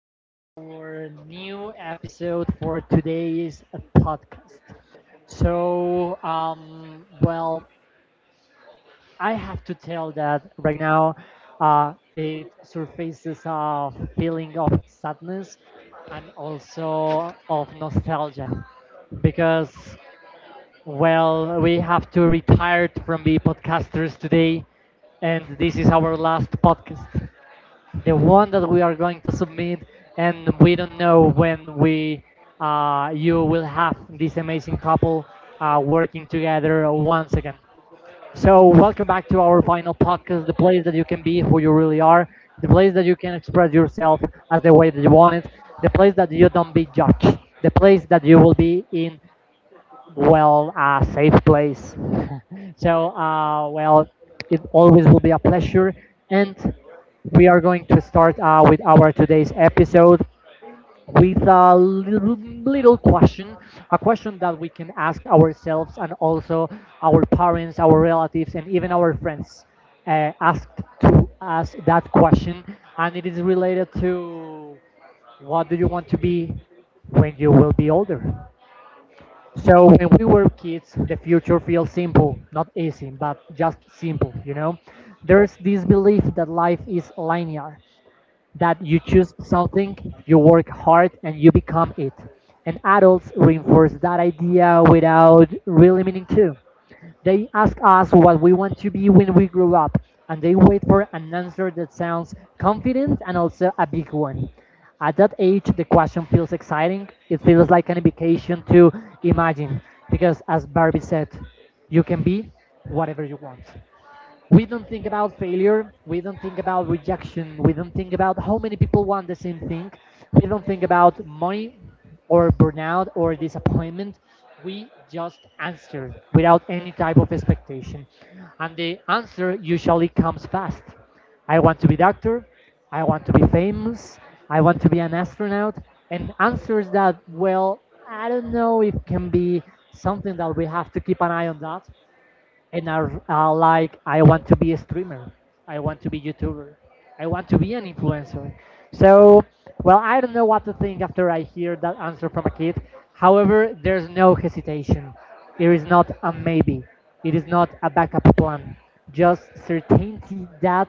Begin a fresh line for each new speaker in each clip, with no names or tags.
in our new episode for today's podcast. So, well, I have to tell that right now it surfaces a feeling of sadness and also of nostalgia because, well, we have to retire from the podcasters today, and this is our last podcast, the one that we are going to submit, and we don't know when we you will have this amazing couple working together once again. So welcome back to our final podcast, the place that you can be who you really are, the place that you can express yourself as the way that you want it, the place that you don't be judged, the place that you will be in, well, a safe place. So, well, it always will be a pleasure. And we are going to start with our today's episode with a little question, a question that we can ask ourselves and also our parents, our relatives, and even our friends asked to us that question. And it is related to what do you want to be when you will be older? So when we were kids, the future feels simple, not easy, but just simple, you know? There's this belief that life is linear, that you choose something, you work hard, and you become it. And adults reinforce that idea without really meaning to. They ask us what we want to be when we grow up, and they wait for an answer that sounds confident and also a big one. At that age, the question feels exciting. It feels like an invitation to imagine, because as Barbie said, you can be whatever you want. We don't think about failure. We don't think about rejection. We don't think about how many people want the same thing. We don't think about money or burnout or disappointment. We just answer without any type of expectation, and the answer usually comes fast. I want to be a doctor. I want to be famous. I want to be an astronaut. And answers that, well, I don't know if can be something that we have to keep an eye on that. And are like, I want to be a streamer. I want to be youtuber. I want to be an influencer. So, well, I don't know what to think after I hear that answer from a kid. However, there's no hesitation. It is not a maybe. It is not a backup plan. Just certainty that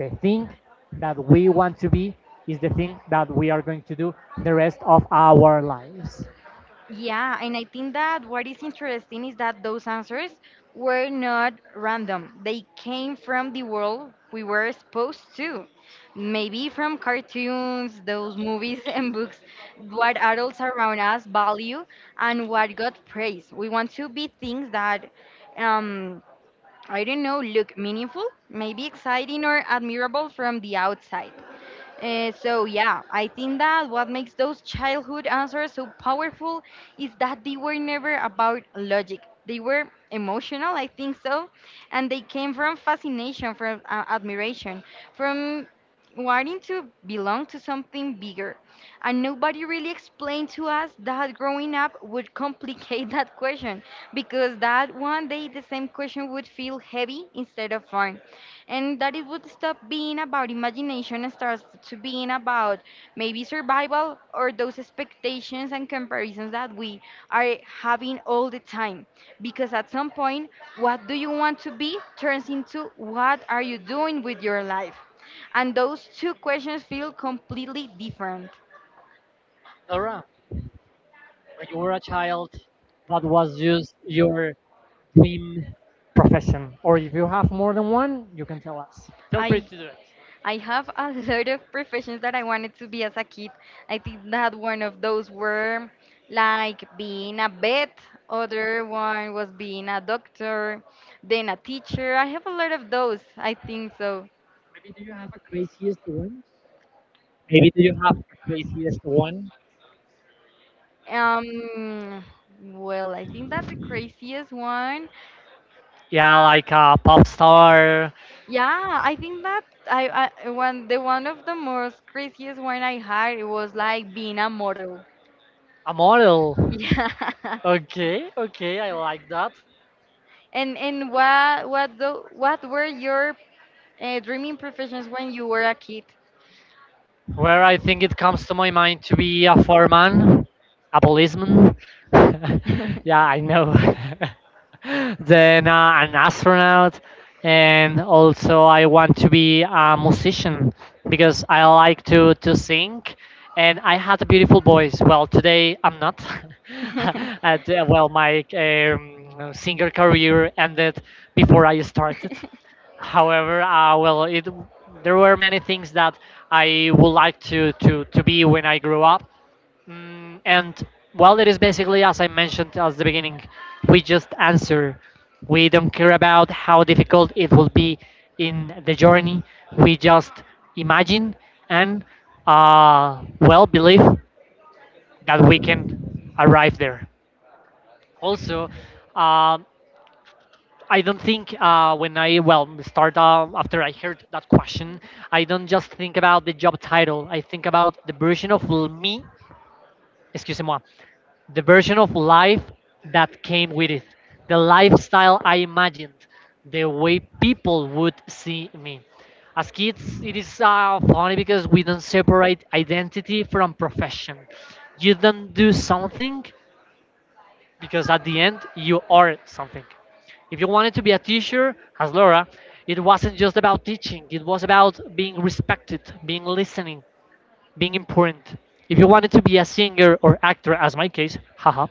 the thing that we want to be is the thing that we are going to do the rest of our lives.
Yeah, and I think that what is interesting is that those answers were not random. They came from the world we were exposed to. Maybe from cartoons, those movies and books, what adults around us value and what got praised. We want to be things that, um, I don't know, look meaningful, maybe exciting or admirable from the outside. So yeah, I think that what makes those childhood answers so powerful is that they were never about logic. They were emotional, I think so, and they came from fascination, from admiration, from wanting to belong to something bigger. And nobody really explained to us that growing up would complicate that question, because that one day the same question would feel heavy instead of fun, and that it would stop being about imagination and starts to being about maybe survival, or those expectations and comparisons that we are having all the time. Because at some point, what do you want to be turns into what are you doing with your life, and those two questions feel completely different.
Laura, when you were a child, what was just your swim profession? Or if you have more than one, you can tell us. Feel free
I
to do it.
I have a lot of professions that I wanted to be as a kid. I think that one of those were like being a vet, other one was being a doctor, then a teacher. I have a lot of those, I think so.
Maybe do you have the craziest one?
Um, well, I think that's the craziest one.
Yeah, like a pop star.
Yeah, I think that I one of the most craziest one I had it was like being a model.
A model.
Yeah.
Okay, okay, I like that.
And what were your dreaming professions when you were a kid?
Where I think it comes to my mind to be a foreman, a policeman. Yeah, I know. Then an astronaut, and also I want to be a musician because I like to sing, and I had a beautiful voice. Well, today I'm not. At, well, my singer career ended before I started. However, well, it there were many things that I would like to be when I grew up, and, well, it is basically as I mentioned at the beginning, we just answer. We don't care about how difficult it will be in the journey. We just imagine and, well, believe that we can arrive there. Also, um I don't think when I, well, start after I heard that question, I don't just think about the job title. I think about the version of me, excuse me, the version of life that came with it, the lifestyle I imagined, the way people would see me. As kids, it is funny because we don't separate identity from profession. You don't do something because at the end you are something. If you wanted to be a teacher, as Laura, it wasn't just about teaching, it was about being respected, being listening, being important. If you wanted to be a singer or actor, as my case, haha,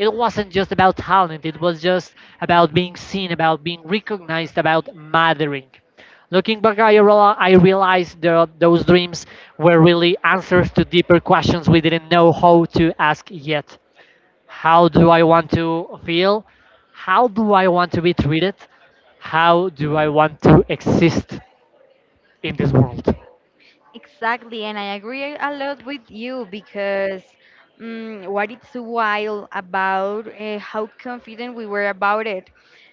it wasn't just about talent, it was just about being seen, about being recognized, about mattering. Looking back, I realized that those dreams were really answers to deeper questions we didn't know how to ask yet. How do I want to feel? How do I want to be treated? How do I want to exist in this world?
Exactly, and I agree a lot with you because what it's wild about how confident we were about it,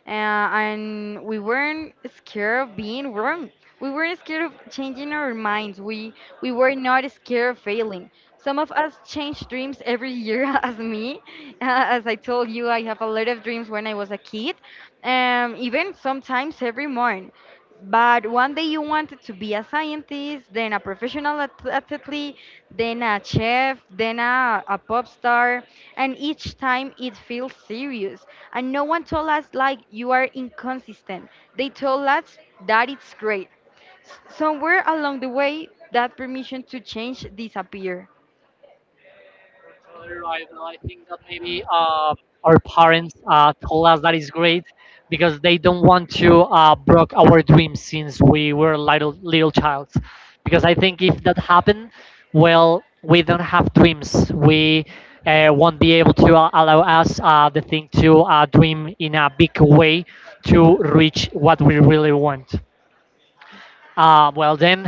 and we weren't scared of being wrong. We weren't scared of changing our minds. We were not scared of failing. Some of us change dreams every year, as me. As I told you, I have a lot of dreams when I was a kid, even sometimes every morning. But one day you wanted to be a scientist, then a professional athlete, then a chef, then a pop star, and each time it feels serious. And no one told us like you are inconsistent. They told us that it's great. Somewhere along the way, that permission to change disappeared.
Right, well, I think that maybe our parents told us that is great because they don't want to broke our dreams since we were little childs. Because I think if that happened, well, we don't have dreams. We won't be able to allow us the thing to dream in a big way to reach what we really want. Well then,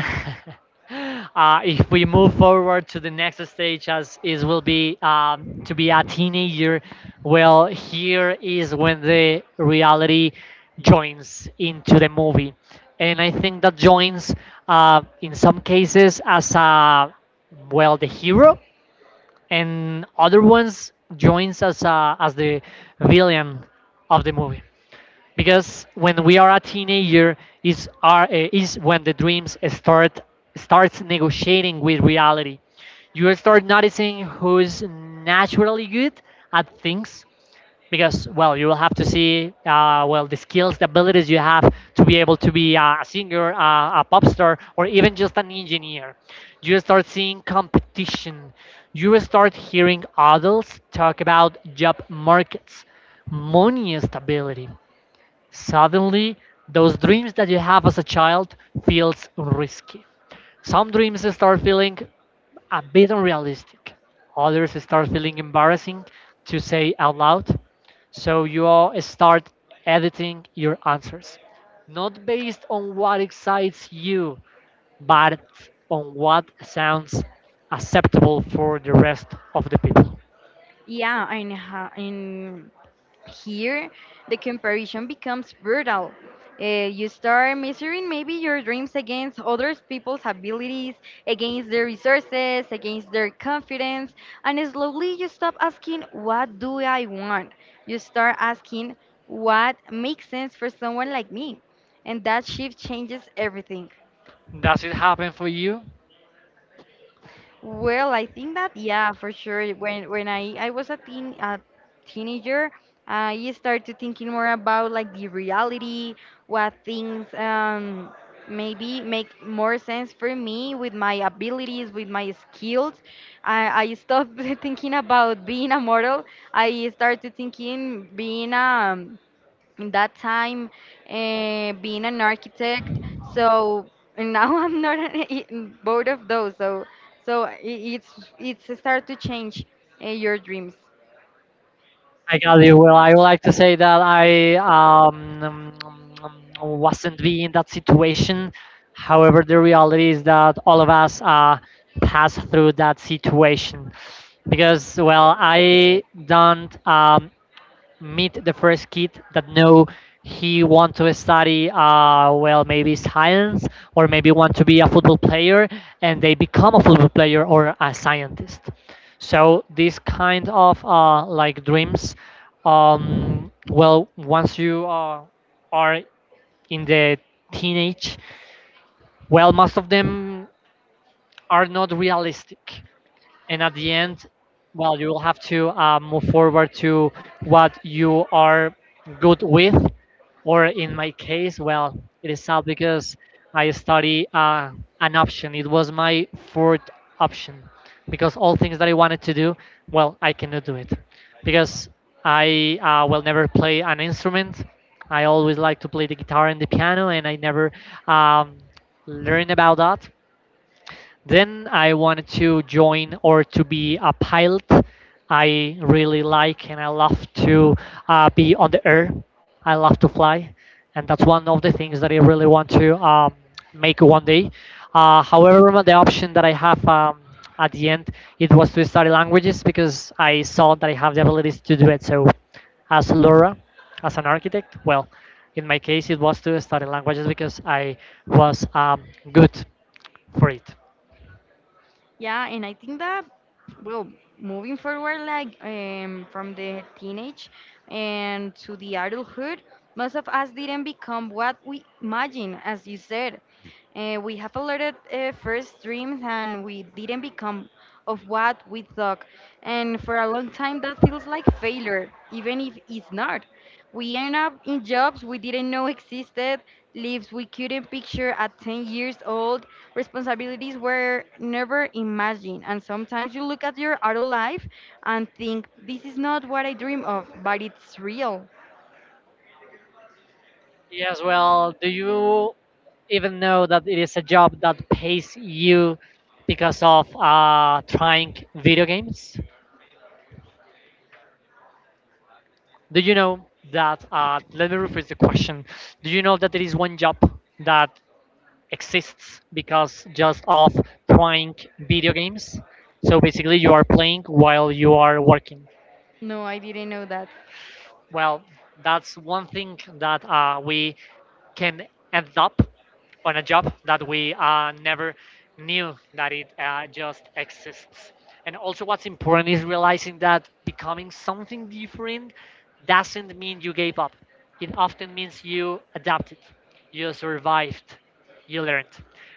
if we move forward to the next stage, as is will be to be a teenager, well, here is when the reality joins into the movie, and I think that joins in some cases as a, well, the hero, and other ones joins as the villain of the movie because when we are a teenager is when the dreams starts negotiating with reality. You start noticing who's naturally good at things because, well, you will have to see well, the skills, the abilities you have to be able to be a singer, a pop star, or even just an engineer. You start seeing competition. You start hearing adults talk about job markets, money, stability. Suddenly, those dreams that you have as a child feels risky. Some dreams start feeling a bit unrealistic. Others start feeling embarrassing to say out loud. So you all start editing your answers, not based on what excites you, but on what sounds acceptable for the rest of the people.
Yeah, and here, the comparison becomes brutal. You start measuring maybe your dreams against other people's abilities, against their resources, against their confidence, and slowly you stop asking, what do I want? You start asking, what makes sense for someone like me? And that shift changes everything.
Does it happen for you?
Well, I think that yeah, for sure. When I was a teenager, I started thinking more about like the reality, what things maybe make more sense for me with my abilities, with my skills. I stopped thinking about being a model. I started thinking being a, in that time, being an architect, so and now I'm not an, both of those, so it's start to change your dreams.
I got you. Well, I would like to say that I wasn't be in that situation. However, the reality is that all of us pass through that situation because, well, I don't meet the first kid that know he want to study well, maybe science or maybe want to be a football player, and they become a football player or a scientist. So these kind of like dreams, well, once you are in the teenage, well, most of them are not realistic, and at the end, well, you will have to move forward to what you are good with. Or in my case, well, it is sad because I study an option. It was my fourth option because all things that I wanted to do, well, I cannot do it because I will never play an instrument. I always like to play the guitar and the piano, and I never um, learned about that. Then I wanted to join or to be a pilot. I really like and I love to be on the air. I love to fly, and that's one of the things that I really want to make one day. However, the option that I have at the end, it was to study languages because I saw that I have the abilities to do it. So, as Laura, as an architect, well, in my case, it was to study languages because I was good for it.
Yeah, and I think that, well, moving forward, like from the teenage and to the adulthood, most of us didn't become what we imagine, as you said. We have a lot of first dreams, and we didn't become of what we thought. And for a long time, that feels like failure, even if it's not. We end up in jobs we didn't know existed, lives we couldn't picture at 10 years old, responsibilities were never imagined. And sometimes you look at your adult life and think, this is not what I dream of, but it's real.
Yes, well, do you even know that it is a job that pays you because of trying video games? Do you know that? Let me rephrase the question. Do you know that there is one job that exists because just of trying video games? So basically, you are playing while you are working.
No, I didn't know that.
Well, that's one thing that we can end up on a job that we never knew that it just exists. And also, what's important is realizing that becoming something different doesn't mean you gave up. It often means you adapted, you survived, you learned.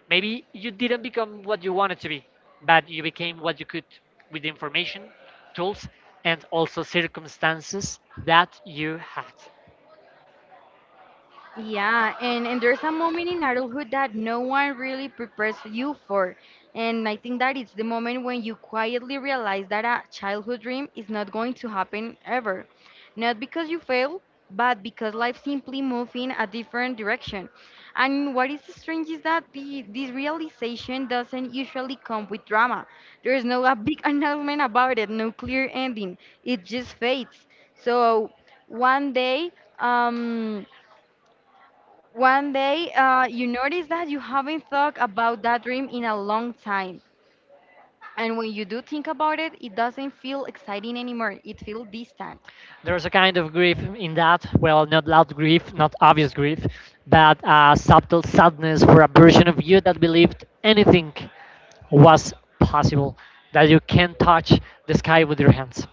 Maybe you didn't become what you wanted to be, but you became what you could with the information, tools, and also circumstances that you had.
Yeah, and there's a moment in adulthood that no one really prepares you for. And I think that it's the moment when you quietly realize that a childhood dream is not going to happen ever. Not because you fail, but because life simply moves in a different direction. And what is strange is that this realization doesn't usually come with drama. There is no a big announcement about it, no clear ending. It just fades. So one day, um, one day, you notice that you haven't thought about that dream in a long time. And when you do think about it, it doesn't feel exciting anymore. It feels distant.
There's a kind of grief in that. Well, not loud grief, not obvious grief, but a subtle sadness for a version of you that believed anything was possible, that you can touch the sky with your hands.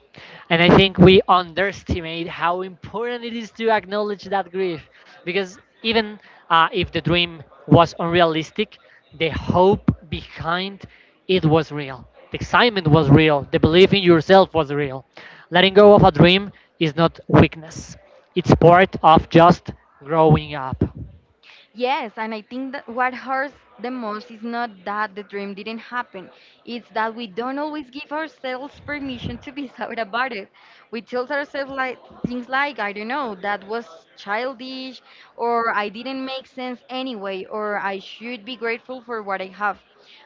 And I think we underestimate how important it is to acknowledge that grief because, even if the dream was unrealistic, the hope behind it was real. The excitement was real. The belief in yourself was real. Letting go of a dream is not weakness, it's part of just growing up.
Yes, and I think that what hurts the most is not that the dream didn't happen. It's that we don't always give ourselves permission to be sad about it. We tell ourselves like things like, I don't know, that was childish, or I didn't make sense anyway, or I should be grateful for what I have.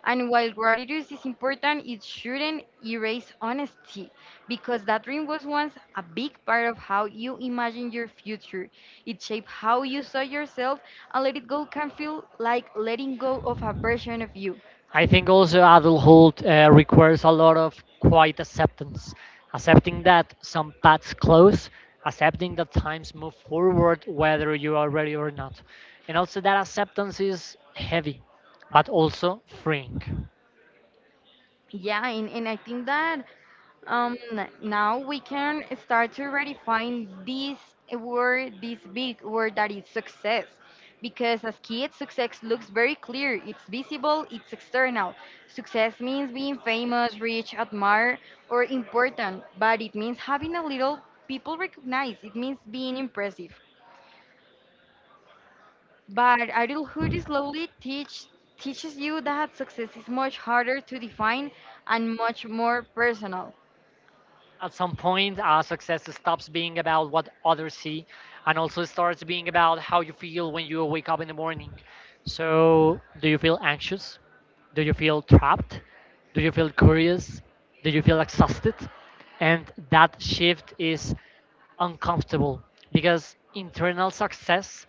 And while gratitude is important, it shouldn't erase honesty, because that dream was once a big part of how you imagined your future. It shaped how you saw yourself, and let it go can feel like letting go of a version of you.
I think also adulthood requires a lot of quiet acceptance, accepting that some paths close, accepting that times move forward whether you are ready or not, and also that acceptance is heavy, but also freeing.
Yeah, and I think that um, now we can start to redefine this word, this big word that is success. Because as kids, success looks very clear, it's visible, it's external. Success means being famous, rich, admired, or important, but it means having a little people recognize, it means being impressive. But adulthood slowly teaches you that success is much harder to define and much more personal.
At some point, our success stops being about what others see, and also starts being about how you feel when you wake up in the morning. So, do you feel anxious? Do you feel trapped? Do you feel curious? Do you feel exhausted? And that shift is uncomfortable because internal success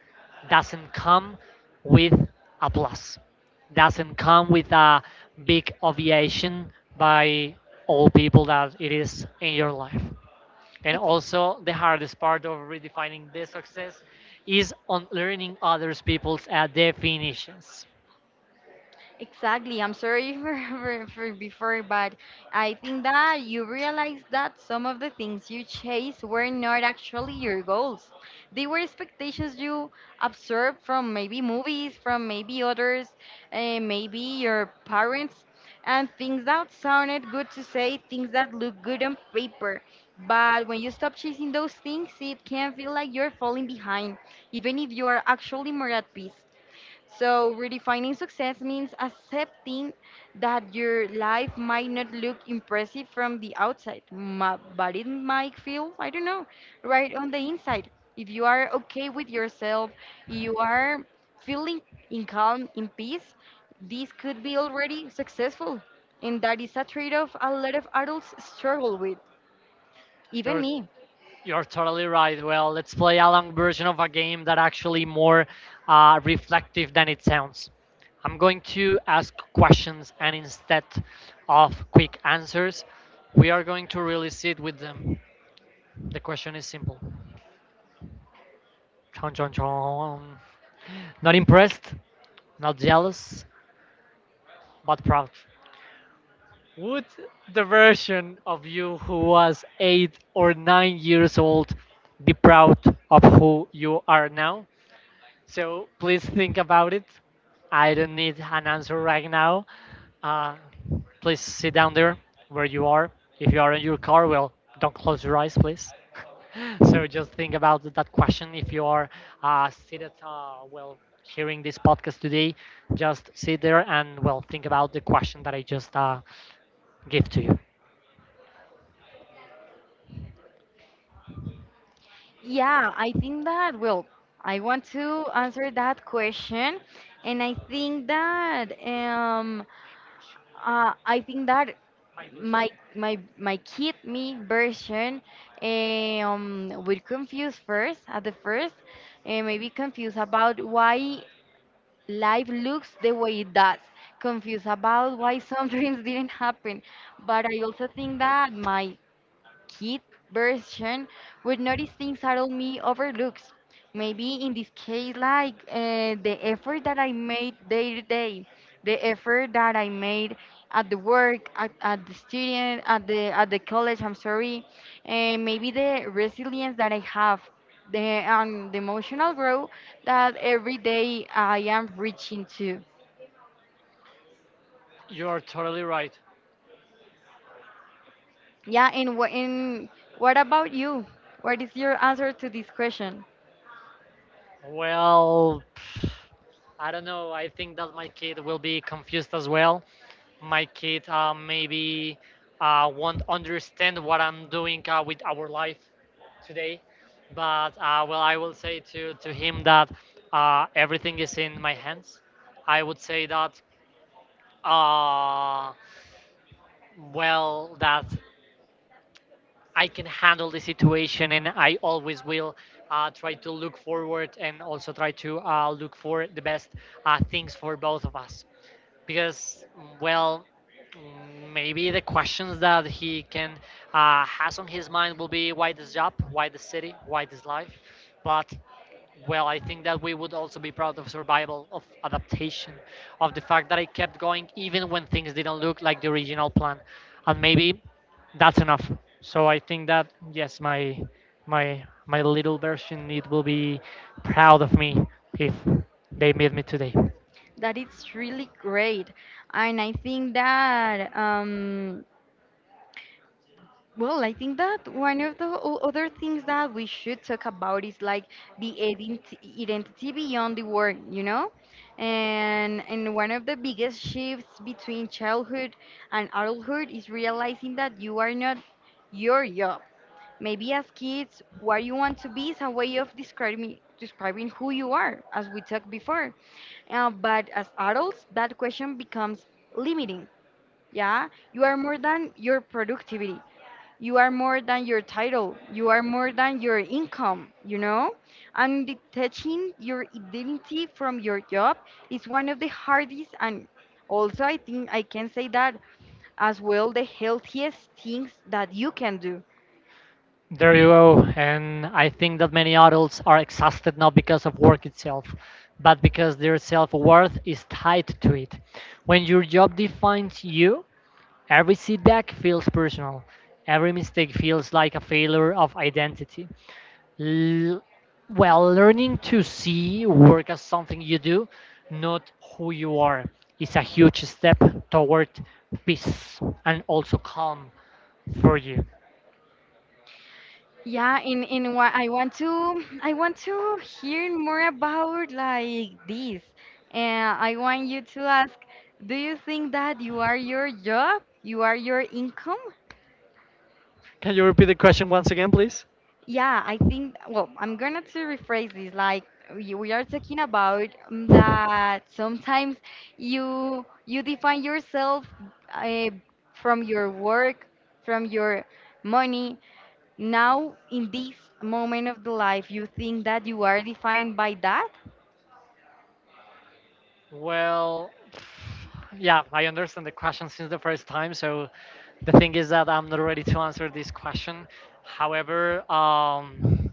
doesn't come with applause, doesn't come with a big ovation by all people that it is in your life. And also, the hardest part of redefining the success is on learning others people's definitions.
Exactly. I'm sorry for, for before, but I think that you realize that some of the things you chase were not actually your goals. They were expectations you absorbed from maybe movies, from maybe others, maybe your parents, and things that sounded good to say, things that look good on paper. But when you stop chasing those things, it can feel like you're falling behind, even if you are actually more at peace. So, redefining success means accepting that your life might not look impressive from the outside, but it might feel, I don't know, right on the inside. If you are okay with yourself, you are feeling in calm, in peace, this could be already successful. And that is a trade off a lot of adults struggle with, even
Your
me.
You're totally right. Well, let's play a long version of a game that actually more reflective than it sounds. I'm going to ask questions, and instead of quick answers, we are going to really sit with them. The question is simple. Chon chon chon. Not impressed, not jealous, but proud. Would the version of you who was 8 or 9 years old be proud of who you are now? So please think about it. I don't need an answer right now. Uh, Please sit down there where you are. If you are in your car, well, don't close your eyes, please. So just think about that question. If you are seated, well, hearing this podcast today, just sit there and, well, think about the question that I just gave to you.
Yeah, I think that, well, I want to answer that question, and I think that my my kid me version will confuse first at the first, and maybe confused about why life looks the way it does, confused about why some dreams didn't happen. But I also think that my kid version would notice things adult me overlooks. Maybe in this case, like the effort that I made day to day, the effort that I made at the work, at the student, at the college. I'm sorry, and maybe the resilience that I have, the emotional growth that every day I am reaching to.
You are totally right.
Yeah, and what about you? What is your answer to this question?
Well, I don't know. I think that my kid will be confused as well. My kid maybe won't understand what I'm doing with our life today. But well, I will say to him that everything is in my hands. I would say that, uh, well, that I can handle the situation, and I always will try to look forward and also try to look for the best things for both of us. Because well, maybe the questions that he can has on his mind will be, why this job, why this city, why this life? But well, I think that we would also be proud of survival, of adaptation, of the fact that I kept going even when things didn't look like the original plan, and maybe that's enough. So I think that yes, my little version, it will be proud of me if they meet me today.
That it's really great. And I think that, well, I think that one of the other things that we should talk about is like the identity beyond the work, you know? And one of the biggest shifts between childhood and adulthood is realizing that you are not your job. Maybe as kids, what you want to be is a way of describing who you are, as we talked before. But as adults, that question becomes limiting. Yeah, you are more than your productivity. You are more than your title. You are more than your income, you know? And detaching your identity from your job is one of the hardest, and also I think I can say that as well the healthiest things that you can do.
There you go. And I think that many adults are exhausted not because of work itself, but because their self worth is tied to it. When your job defines you, every setback feels personal. Every mistake feels like a failure of identity. L- well, learning to see work as something you do, not who you are, is a huge step toward peace and also calm for you.
Yeah, in what I want to hear more about like this. And I want you to ask, do you think that you are your job? You are your income?
Can you repeat the question once again, please?
Yeah, I think, well, I'm gonna to rephrase this like we are talking about that sometimes you define yourself, uh, from your work, from your money, now in this moment of the life you think that you are defined by that.
Well, yeah, I understand the question since the first time. So the thing is that I'm not ready to answer this question. However,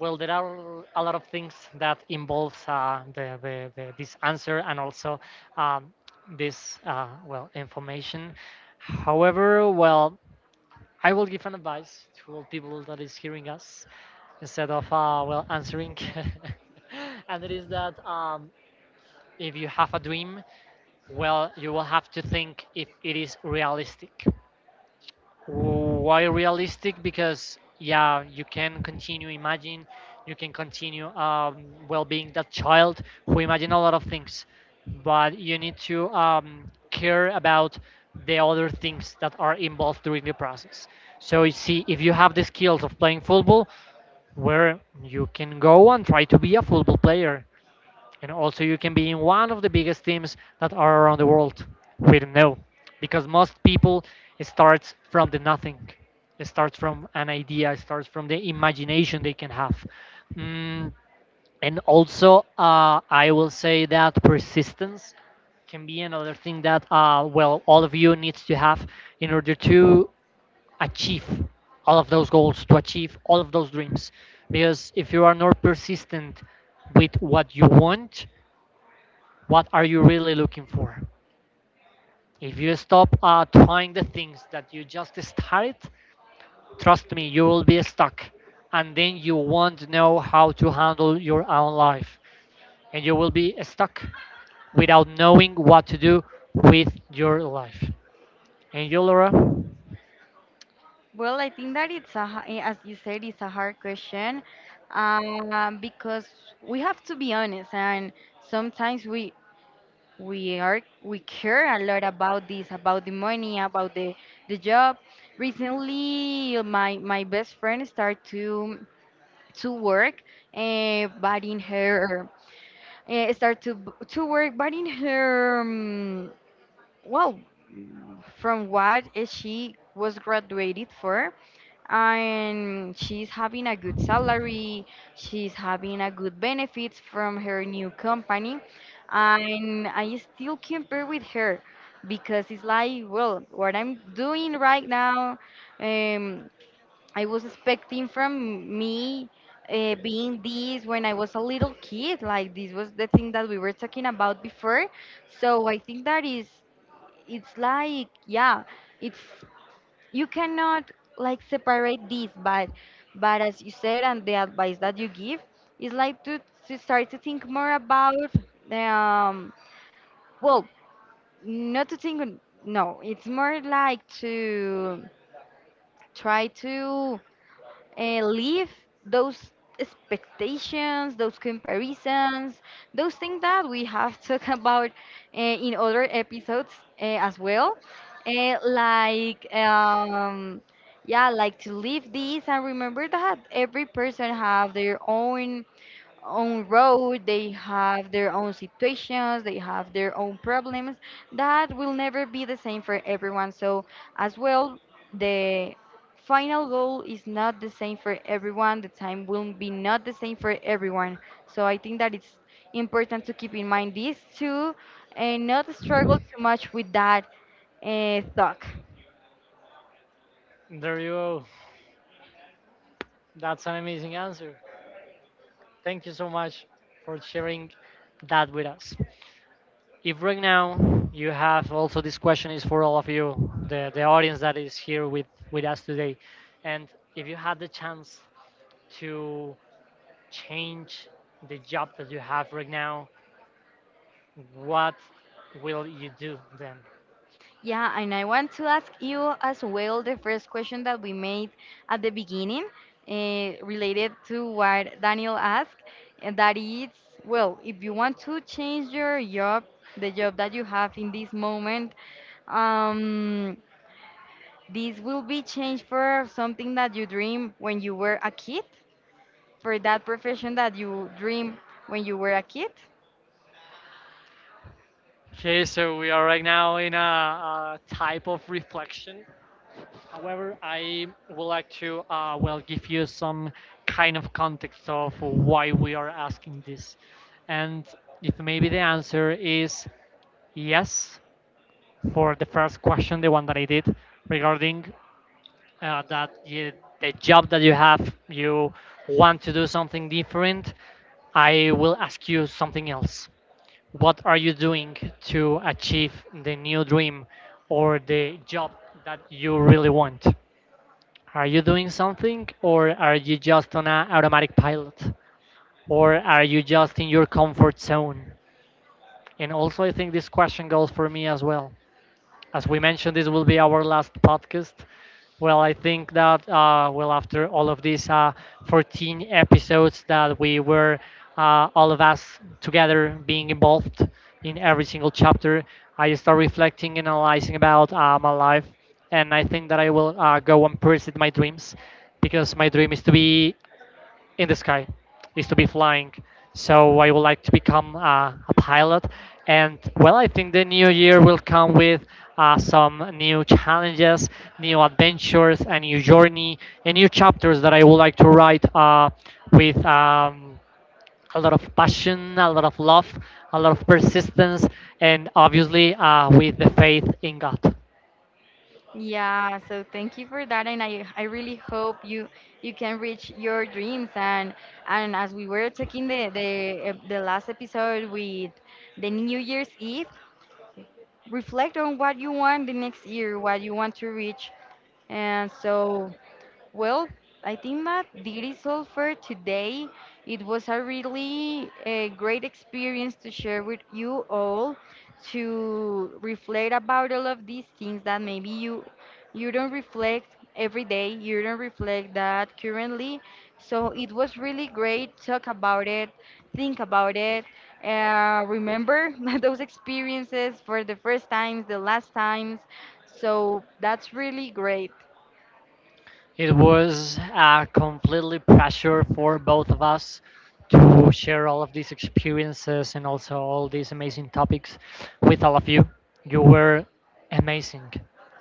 well, there are a lot of things that involves this answer and also um, this well, information. However, well, I will give an advice to all people that is hearing us instead of well, answering, and it is that if you have a dream, well, you will have to think if it is realistic. Why realistic? Because yeah, you can continue imagine, you can continue well, being that child who imagine a lot of things, but you need to care about the other things that are involved during the process. So you see, if you have the skills of playing football, where you can go and try to be a football player, and also, you can be in one of the biggest teams that are around the world. We don't know, because most people, it starts from the nothing. It starts from an idea. It starts from the imagination they can have. Mm, and also, I will say that persistence can be another thing that well, all of you needs to have in order to achieve all of those goals, to achieve all of those dreams, because if you are not persistent with what you want, what are you really looking for? If you stop trying the things that you just started, trust me, you will be stuck. And then you won't know how to handle your own life. And you will be stuck without knowing what to do with your life. And you, Laura?
Well, I think that it's a as you said it's a hard question, because we have to be honest, and sometimes we care a lot about this, about the money, about the job. Recently, my best friend started to work, but in her start to to work, but in her, well, from what is she was graduated for, and she's having a good salary, she's having a good benefits from her new company. And I still compare with her, because it's like, well, what I'm doing right now, um, I was expecting from me, being this when I was a little kid, like this was the thing that we were talking about before. So I think that is, it's like, yeah, it's you cannot like separate this, but as you said and the advice that you give is like to start to think more about the, well, not to think no, it's more like to try to leave those expectations, those comparisons, those things that we have talked about in other episodes as well. Like, yeah, like to leave this, and remember that every person have their own road, they have their own situations, they have their own problems that will never be the same for everyone. So, as well, the final goal is not the same for everyone, the time will be not the same for everyone. So, I think that it's important to keep in mind these two, and not struggle too much with that thought.
There you go. That's an amazing answer. Thank you so much for sharing that with us. If right now you have also this question, is for all of you, the audience that is here with us today, and if you had the chance to change the job that you have right now, what will you do then?
Yeah, and I want to ask you as well the first question that we made at the beginning, related to what Daniel asked, and that is, well, if you want to change your job, the job that you have in this moment, um, this will be changed for something that you dream when you were a kid, for that profession that you dream when you were a kid.
Okay, so we are right now in a type of reflection. However, I would like to well, give you some kind of context of why we are asking this, and if maybe the answer is yes, for the first question, the one that I did regarding that you, the job that you have, you want to do something different. I will ask you something else. What are you doing to achieve the new dream or the job that you really want? Are you doing something, or are you just on an automatic pilot? Or are you just in your comfort zone? And also, I think this question goes for me as well. As we mentioned, this will be our last podcast. Well, I think that well, after all of these 14 episodes that we were all of us together being involved in every single chapter, I start reflecting and analyzing about my life, and I think that I will go and pursue my dreams, because my dream is to be in the sky, is to be flying. So I would like to become a pilot. And well, I think the new year will come with some new challenges, new adventures, a new journey, and new chapters that I would like to write with a lot of passion, a lot of love, a lot of persistence, and obviously with the faith in God.
Yeah, so thank you for that, and I really hope you can reach your dreams, and as we were talking the last episode with the New Year's Eve, reflect on what you want the next year, what you want to reach, and so well, I think that is all for today. It was a really great experience to share with you all, to reflect about all of these things that maybe you don't reflect every day, you don't reflect that currently. So it was really great. Talk about it, think about it, remember those experiences for the first times, the last times. So that's really great.
It was a completely pressure for both of us to share all of these experiences and also all these amazing topics with all of you. You were amazing,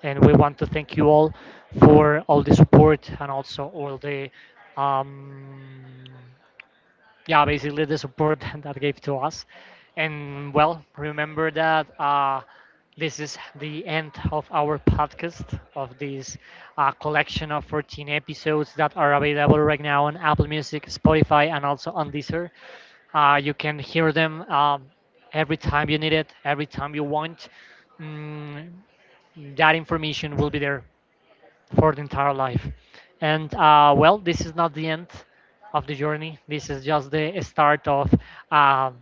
and we want to thank you all for all the support and also all the um, yeah, basically the support that gave to us. And well, remember that this is the end of our podcast, of this collection of 14 episodes that are available right now on Apple Music, Spotify, and also on Deezer. You can hear them every time you need it, every time you want. Mm, that information will be there for the entire life. And well, this is not the end of the journey. This is just the start of uh,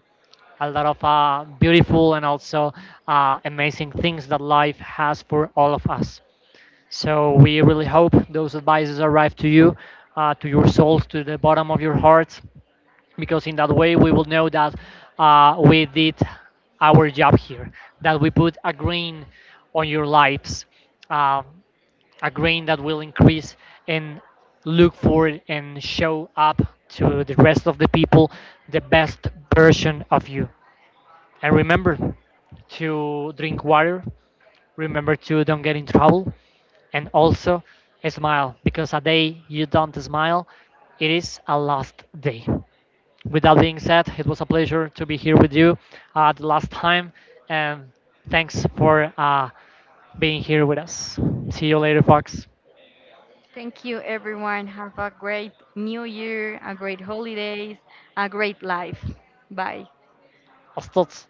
a lot of beautiful and also amazing things that life has for all of us. So we really hope those advices arrive to you, to your souls, to the bottom of your hearts, because in that way we will know that we did our job here, that we put a green on your lives. Um a grain that will increase and look for it and show up to the rest of the people the best version of you. And remember to drink water, remember to don't get in trouble, and also smile, because a day you don't smile, it is a lost day. With that being said, it was a pleasure to be here with you the last time, and thanks for being here with us. See you later, folks.
Thank you, everyone. Have a great new year, a great holidays, a great life. Bye.
Hasta